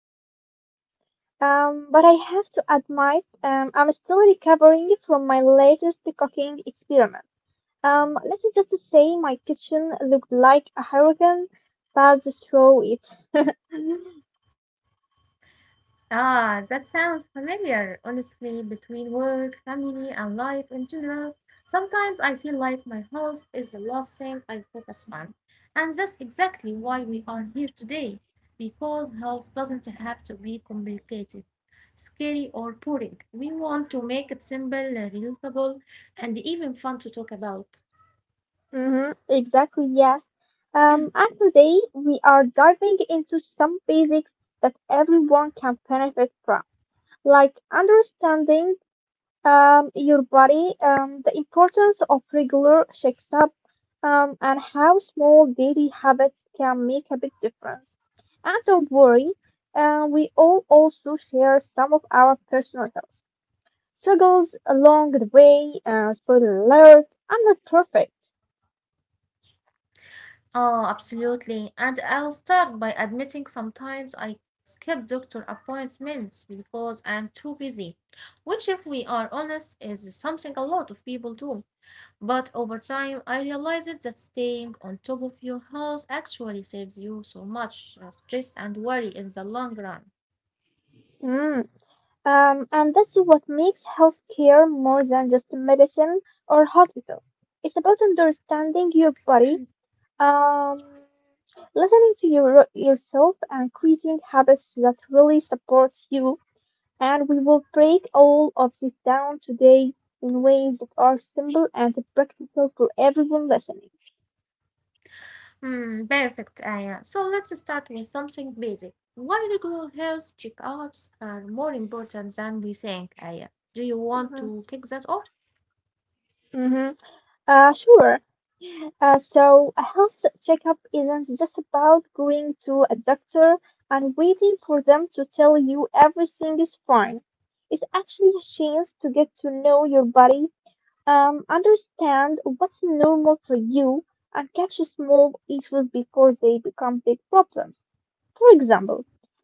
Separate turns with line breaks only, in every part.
I'm feeling good. But I have to admit, I'm still recovering from my latest cooking experiment. Let's just say my kitchen looked like a hurricane that destroyed it.
Ah, that sounds familiar. Honestly, between work, family, and life in general, sometimes I feel like my health is the last thing I focus on. And that's exactly why we are here today, because health doesn't have to be complicated, scary, or boring. We want to make it simple, relatable, and even fun to talk about.
Mm-hmm, exactly, yes. And today we are diving into some basics that everyone can benefit from, like understanding your body, the importance of regular checkup, and how small daily habits can make a big difference. And don't worry, we all also share some of our personal health struggles along the way. Spoiler alert, I'm not perfect.
Oh, absolutely. And I'll start by admitting sometimes I skip doctor appointments because I'm too busy, which, if we are honest, is something a lot of people do. But over time, I realized that staying on top of your health actually saves you so much stress and worry in the long run.
Mm. And that's what makes healthcare more than just medicine or hospitals. It's about understanding your body. Um, Listening to yourself and creating habits that really support you. And we will break all of this down today in ways that are simple and practical for everyone listening.
Hmm, perfect, Aya. So let's start with something basic. Why regular health checkups are more important than we think, Aya? Do you want
hmm
to kick that off?
hmm sure. So a health checkup isn't just about going to a doctor and waiting for them to tell you everything is fine. It's actually a chance to get to know your body. Understand what's normal for you and catch small issues before they become big problems. For example,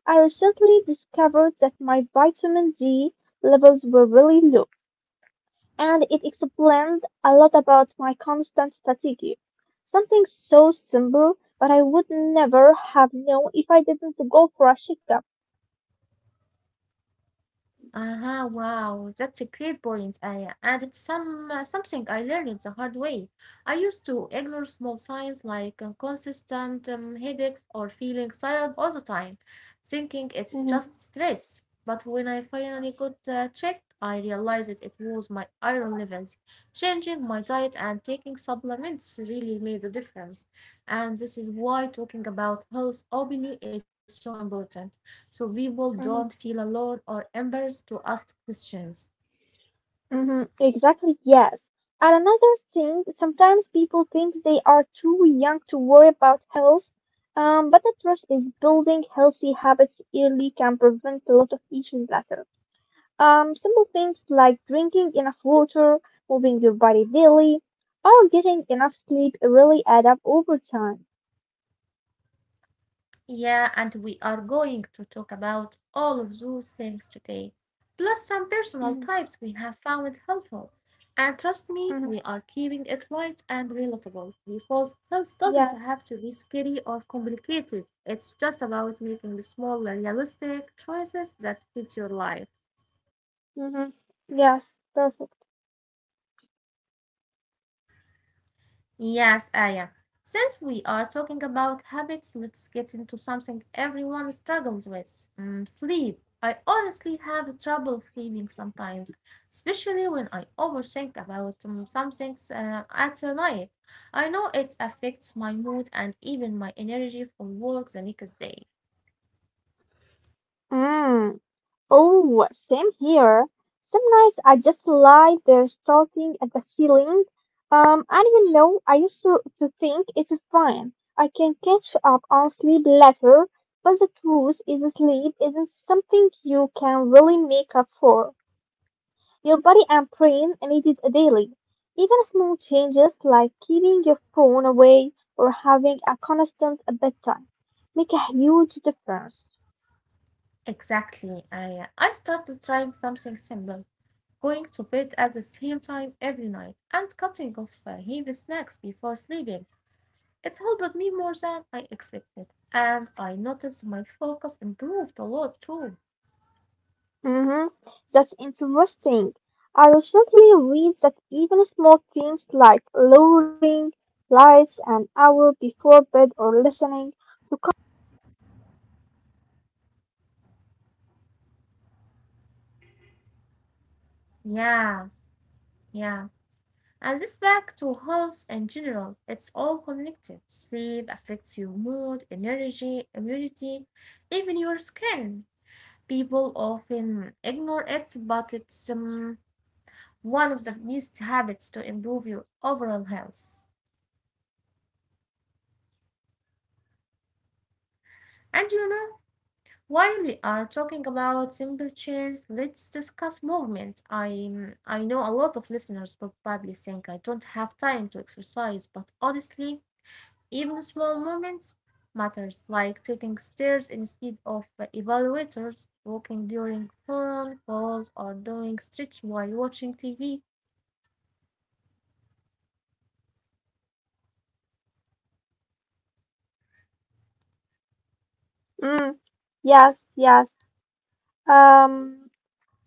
I recently discovered that my vitamin D levels were really low, and it explained a lot about my constant fatigue. Something so simple, but I would never have known if I didn't go for a checkup.
Aha, wow, that's a great point, Aya. And it's something I learned the hard way. I used to ignore small signs like consistent headaches or feeling tired all the time, thinking it's
Mhm,
just stress. But when I finally got checked, I realized it was my iron levels. Changing my diet and taking supplements really made a difference. And this is why talking about health openly is so important so people don't feel
mhm.
alone or embarrassed to ask questions.
Hmm. Exactly, yes. And another thing, sometimes people think they are too young to worry about health, but the truth is building healthy habits early can prevent a lot of issues later. Simple things like drinking enough water, moving your body daily, or getting enough sleep really add up over time.
Yeah, and we are going to talk about all of those things today, plus some personal
hmm
types we have found helpful. And trust me, we
hmm
are keeping it light and relatable because health doesn't
Yes.
have to be scary or complicated. It's just about making small, realistic choices that fit your life.
hmm Yes, perfect.
Yes, Aya. Since we are talking about habits, let's get into something everyone struggles with sleep. I honestly have trouble sleeping sometimes, especially when I overthink about some things at night. I know it affects my mood and even my energy for work the next day.
Mm. Oh, same here. Some nights I just lie there starting at the ceiling. And you know, I used to think it's fine. I can catch up on sleep later, but the truth is sleep isn't something you can really make up for. Your body and brain need it daily. Even small changes like keeping your phone away or having a constant bedtime make a huge difference.
Exactly, Aya. I started trying something simple, going to bed at the same time every night and cutting off heavy snacks before sleeping. It helped me more than I expected, and I noticed my focus improved a lot too.
Hmm. That's interesting. I recently read that even small things like lowering lights an hour before bed or listening.
Yeah, yeah. And this back to health in general, it's all connected. Sleep affects your mood, energy, immunity, even your skin. People often ignore it, but it's one of the best habits to improve your overall health. And you know, while we are talking about simple change, let's discuss movement. I know a lot of listeners probably think I don't have time to exercise, but honestly, even small movements matters, like taking stairs instead of elevators, walking during phone calls, or doing stretch while watching TV.
Mm, yes, yes. Um,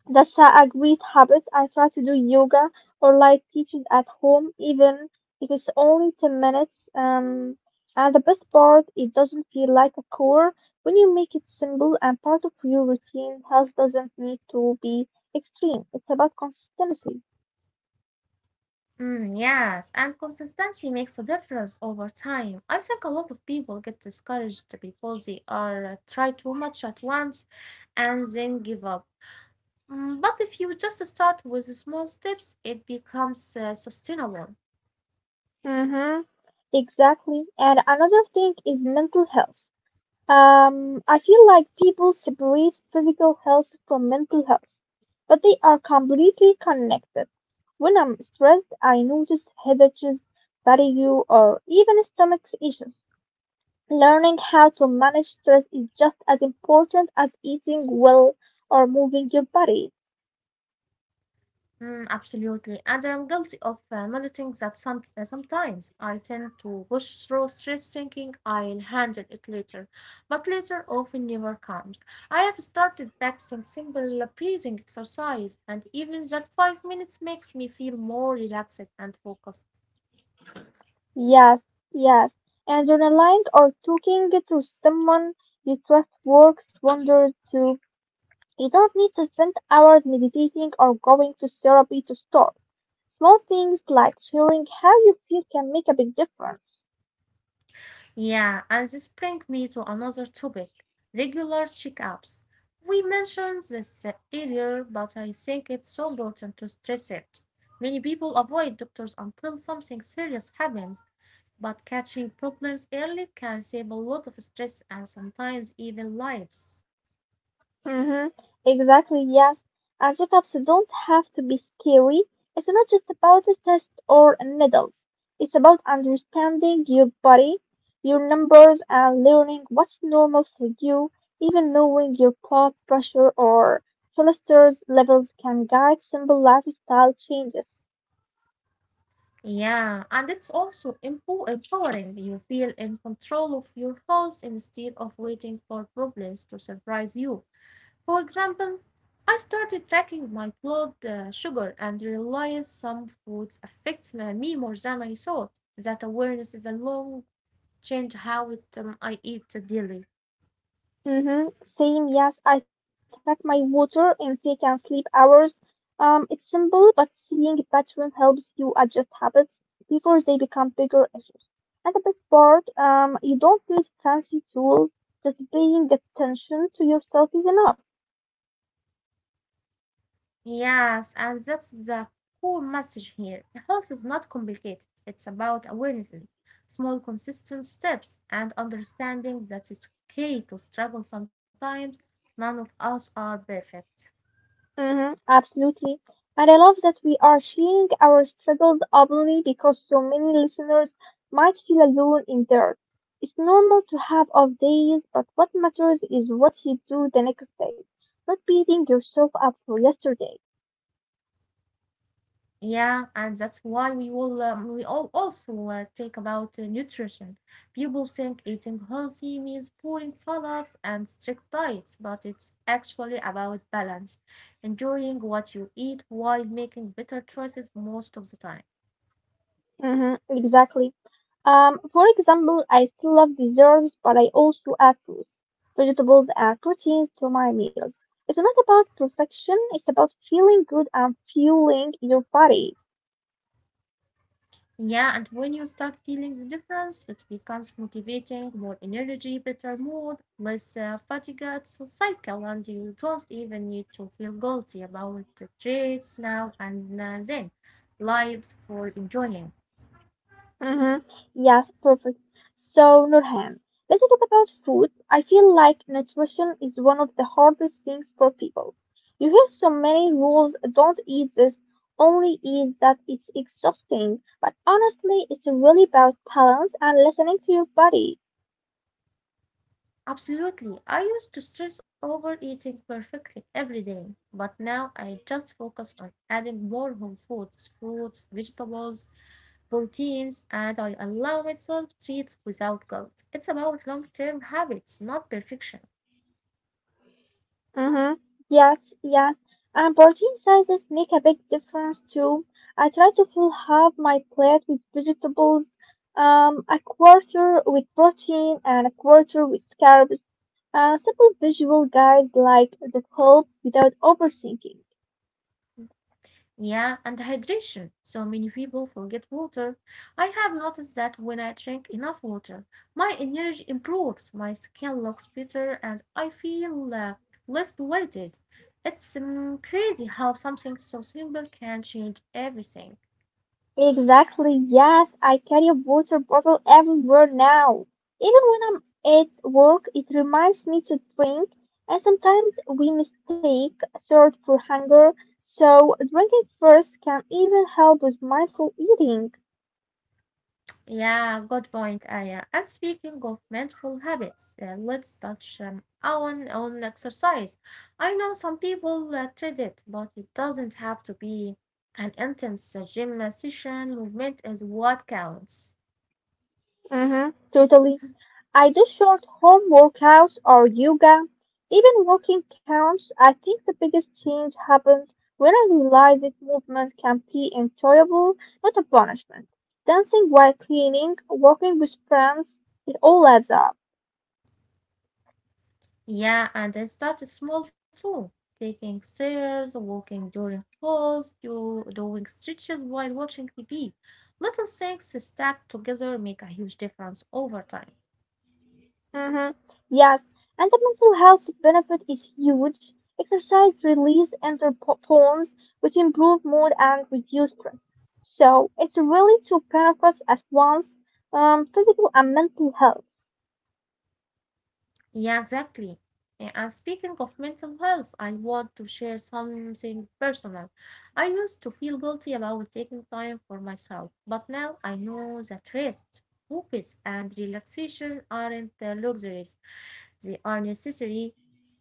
that's a great habit. I try to do yoga or light teachers at home, even if it's only 10 minutes. And the best part, it doesn't feel like a chore. When you make it simple and part of your routine, health doesn't need to be extreme. It's about consistency.
Mm, yes, and consistency makes a difference over time. I think a lot of people get discouraged because they are try too much at once and then give up. Mm, but if you just start with small steps, it becomes sustainable.
Mm-hmm. Exactly. And another thing is mental health. I feel like people separate physical health from mental health, but they are completely connected. When I'm stressed, I notice headaches, fatigue, or even stomach issues. Learning how to manage stress is just as important as eating well or moving your body.
Mm, absolutely. And I'm guilty of noting that sometimes I tend to push through stress thinking I'll handle it later, but later often never comes. I have started practicing simple breathing exercise, and even that 5 minutes makes me feel more relaxed and focused.
Yes, yes. And journaling or talking to someone you trust works wonders too. You don't need to spend hours meditating or going to therapy to start. Small things like sharing how you feel can make a big difference.
Yeah, and this brings me to another topic regular checkups. We mentioned this earlier, but I think it's so important to stress it. Many people avoid doctors until something serious happens, but catching problems early can save a lot of stress and sometimes even lives.
Mm-hmm. Exactly, yes. And checkups don't have to be scary. It's not just about a test or needles. It's about understanding your body, your numbers, and learning what's normal for you. Even knowing your blood pressure or cholesterol levels can guide simple lifestyle changes.
Yeah, and it's also empowering. You feel in control of your health instead of waiting for problems to surprise you. For example, I started tracking my blood sugar and realized some foods affects me more than I thought. That awareness is a long change how I eat daily.
Mm-hmm. Same, yes. I track my water intake and sleep hours. It's simple, but seeing a pattern helps you adjust habits before they become bigger issues. And the best part, you don't need fancy tools. Just paying attention to yourself is enough.
Yes, and that's the core message here. Health is not complicated. It's about awareness, small consistent steps, and understanding that it's okay to struggle sometimes. None of us are perfect.
Mhm, absolutely. And I love that we are sharing our struggles openly because so many listeners might feel alone in theirs. It's normal to have off days, but what matters is what you do the next day, not beating yourself up for yesterday.
Yeah, and that's why we all also talk about nutrition. People think eating healthy means boring salads and strict diets, but it's actually about balance, enjoying what you eat while making better choices most of the time.
Hmm, exactly. For example, I still love desserts, but I also add fruits, vegetables, and proteins to my meals. It's not about perfection, it's about feeling good and fueling your body.
Yeah, and when you start feeling the difference, it becomes motivating, more energy, better mood, less fatigue it's a cycle, and you don't even need to feel guilty about the traits now and then. Lives for enjoying.
Mm-hmm. Yes, perfect. So, Nurhan, let's talk about food. I feel like nutrition is one of the hardest things for people. You hear so many rules, don't eat this, only eat that. It's exhausting. But honestly, it's really about balance and listening to your body.
Absolutely. I used to stress over eating perfectly every day, but now I just focus on adding more whole foods, fruits, vegetables, proteins, and I allow myself treats without guilt. It's about long term habits, not perfection.
Mm-hmm. Yes, yes. And protein sizes make a big difference too. I try to fill half my plate with vegetables, a quarter with protein, and a quarter with carbs. Simple visual guides like that help without overthinking.
Yeah, and hydration. So many people forget water. I have noticed that when I drink enough water, my energy improves, my skin looks better, and I feel less bloated. It's crazy how something so simple can change everything.
Exactly, yes. I carry a water bottle everywhere now. Even when I'm at work, it reminds me to drink, and sometimes we mistake thirst for hunger, so drinking first can even help with mindful eating.
Yeah, good point, Aya. And speaking of mindful habits, let's touch on exercise. I know some people treat it, but it doesn't have to be an intense gym session. Movement is what counts.
Mm-hmm. Totally. I do short home workouts or yoga. Even walking counts. I think the biggest change happened when I realized that movement can be enjoyable, not a punishment. Dancing while cleaning, walking with friends, it all adds up.
Yeah, and I start small too, taking stairs, walking during calls, doing stretches while watching TV. Little things stacked together make a huge difference over time.
Hmm. Yes, and the mental health benefit is huge. Exercise release endorphins, which improve mood and reduce stress. So it's really two benefits at once, physical and mental health.
Yeah, exactly. And speaking of mental health, I want to share something personal. I used to feel guilty about taking time for myself, but now I know that rest, focus, and relaxation aren't luxuries, they are necessary.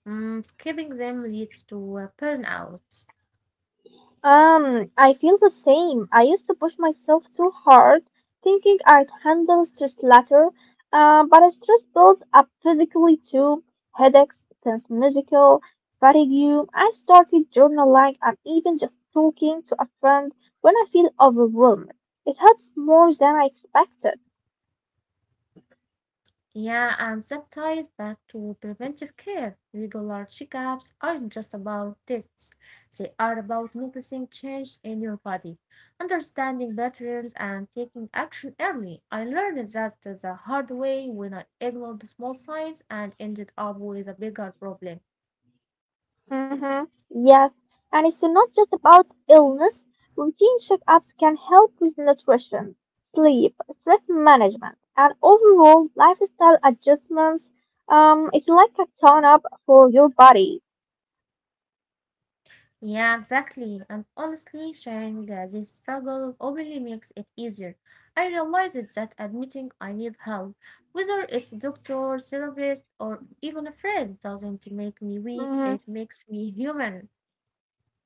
Mm, skipping them leads to burnout.
I feel the same. I used to push myself too hard, thinking I'd handle stress later, but stress builds up physically too. Headaches, tense musical, fatigue. I started journaling and even just talking to a friend when I feel overwhelmed. It helps more than I expected.
Yeah, and that ties back to preventive care. Regular checkups aren't just about tests, they are about noticing change in your body, understanding patterns, and taking action early. I learned that the hard way when I ignored the small signs and ended up with a bigger problem.
Hmm. Yes, and it's not just about illness. Routine checkups can help with nutrition, sleep, stress management, and overall lifestyle adjustments. It's like a tone up for your body.
Yeah, exactly. And honestly, sharing these struggles openly makes it easier. I realized that admitting I need help, whether it's a doctor, therapist, or even a friend, doesn't make me weak.
Mm-hmm.
It makes me human.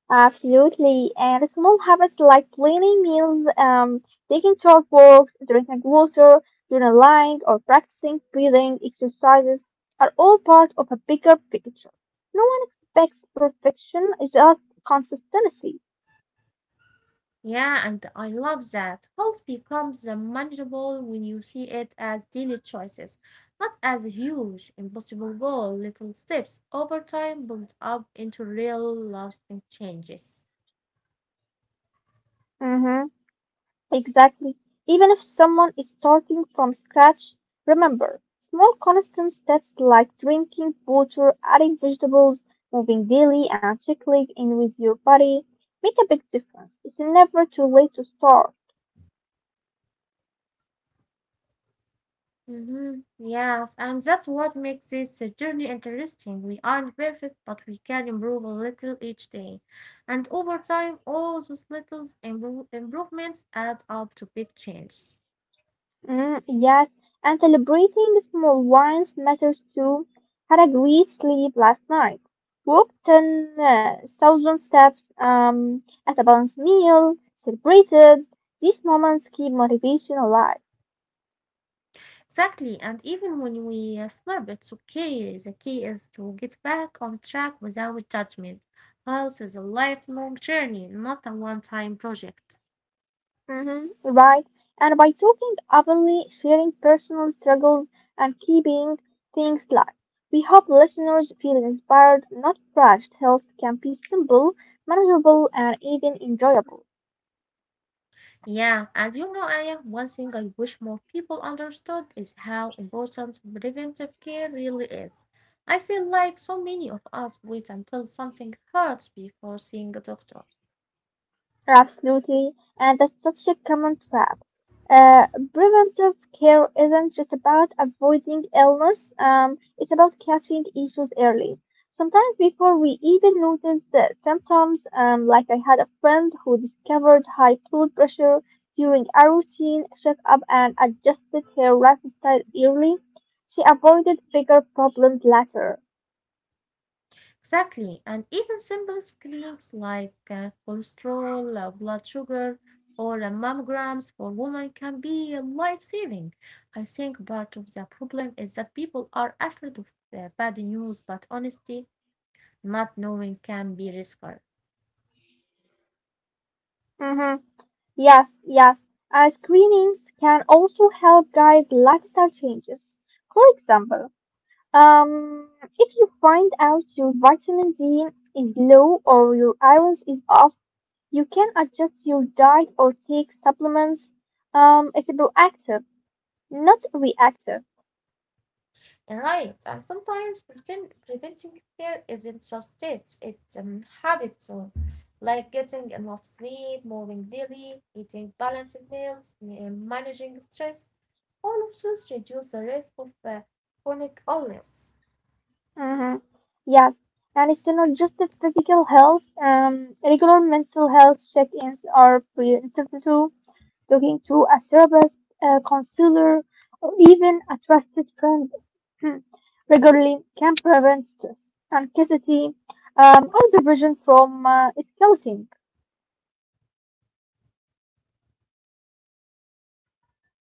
Absolutely. And small habits like planning meals, taking short walks, drinking water, journaling, or practicing breathing exercises are all part of a bigger picture. No one expects perfection, just consistency.
Yeah, and I love that. Health becomes manageable when you see it as daily choices, not as a huge, impossible goal. Little steps over time build up into real lasting changes.
Mhm. Exactly. Even if someone is starting from scratch, remember small constant steps like drinking water, adding vegetables, moving daily, and checking in with your body make a big difference. It's never too late to start.
Mm-hmm. Yes, and that's what makes this journey interesting. We aren't perfect, but we can improve a little each day. And over time, all those little improvements add up to big changes.
Mm, yes, and celebrating small wins matters too. Had a great sleep last night. Walked 10,000 steps at a balanced meal, celebrated. These moments keep motivation alive.
Exactly, and even when we slip, it's okay. The key is to get back on track without judgment. Health is a lifelong journey, not a one-time project.
Hmm, right. And by talking openly, sharing personal struggles, and keeping things light, we hope listeners feel inspired, not crushed. Health can be simple, manageable, and even enjoyable.
Yeah, and you know, Aya, one thing I wish more people understood is how important preventive care really is. I feel like so many of us wait until something hurts before seeing a doctor.
Absolutely, and that's such a common trap. Uh, preventive care isn't just about avoiding illness, it's about catching issues early. Sometimes before we even notice the symptoms, like I had a friend who discovered high blood pressure during a routine checkup and adjusted her lifestyle early. She avoided bigger problems later.
Exactly, and even simple screens like cholesterol, blood sugar, or mammograms for women can be life saving. I think part of the problem is that people are afraid of bad news, but honestly, not knowing can be risky.
Mhm. Yes, yes, and screenings can also help guide lifestyle changes. For example, um, if you find out your vitamin D is low or your iron is off, you can adjust your diet or take supplements. It's proactive, not reactive.
Right, and sometimes pretend preventing fear isn't just tests, it's habits too, like getting enough sleep, moving daily, eating balanced meals, managing stress. All of those reduce the risk of chronic illness.
Mhm. Yes, and it's not just the physical health. Regular mental health check-ins are preventive too. Talking to a therapist, a counselor, or even a trusted friend, hmm, regularly can prevent stress, anxiety, or depression from escalating.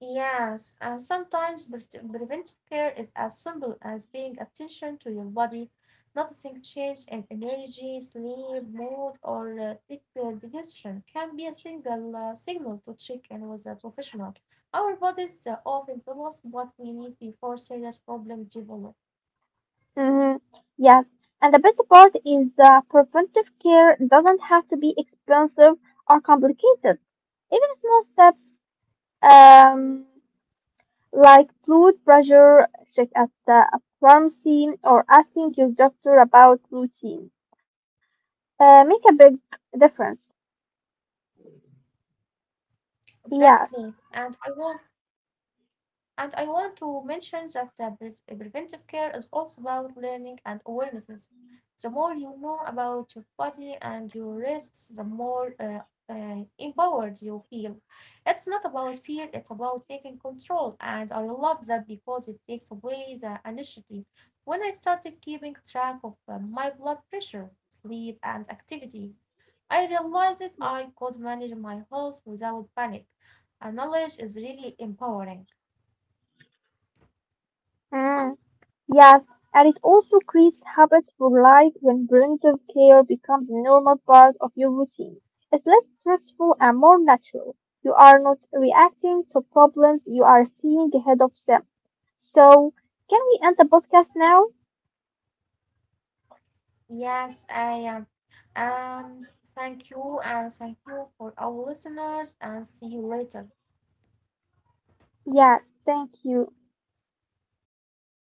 Yes, and sometimes preventive care is as simple as paying attention to your body, noticing change in energy, sleep, mood, or digestion can be a single signal to check in with a professional. Our bodies often tell us what we need before serious problems develop.
Mhm. Yes, and the best part is preventive care doesn't have to be expensive or complicated. Even small steps um, like blood pressure, check at a pharmacy, or asking your doctor about routine make a big difference. Yes,
Exactly, and I hope and I want to mention that preventive care is also about learning and awarenesses. The more you know about your body and your risks, the more empowered you feel. It's not about fear, it's about taking control. And I love that because it takes away the anxiety. When I started keeping track of my blood pressure, sleep, and activity, I realized that I could manage my health without panic. And knowledge is really empowering.
mm, yes, and it also creates habits for life when preventive care becomes a normal part of your routine. It's less stressful and more natural. You are not reacting to problems, you are seeing ahead of them. So, can we end the podcast now?
Yes, I am. Thank you, and thank you for our listeners, and see you later.
Yes, thank you.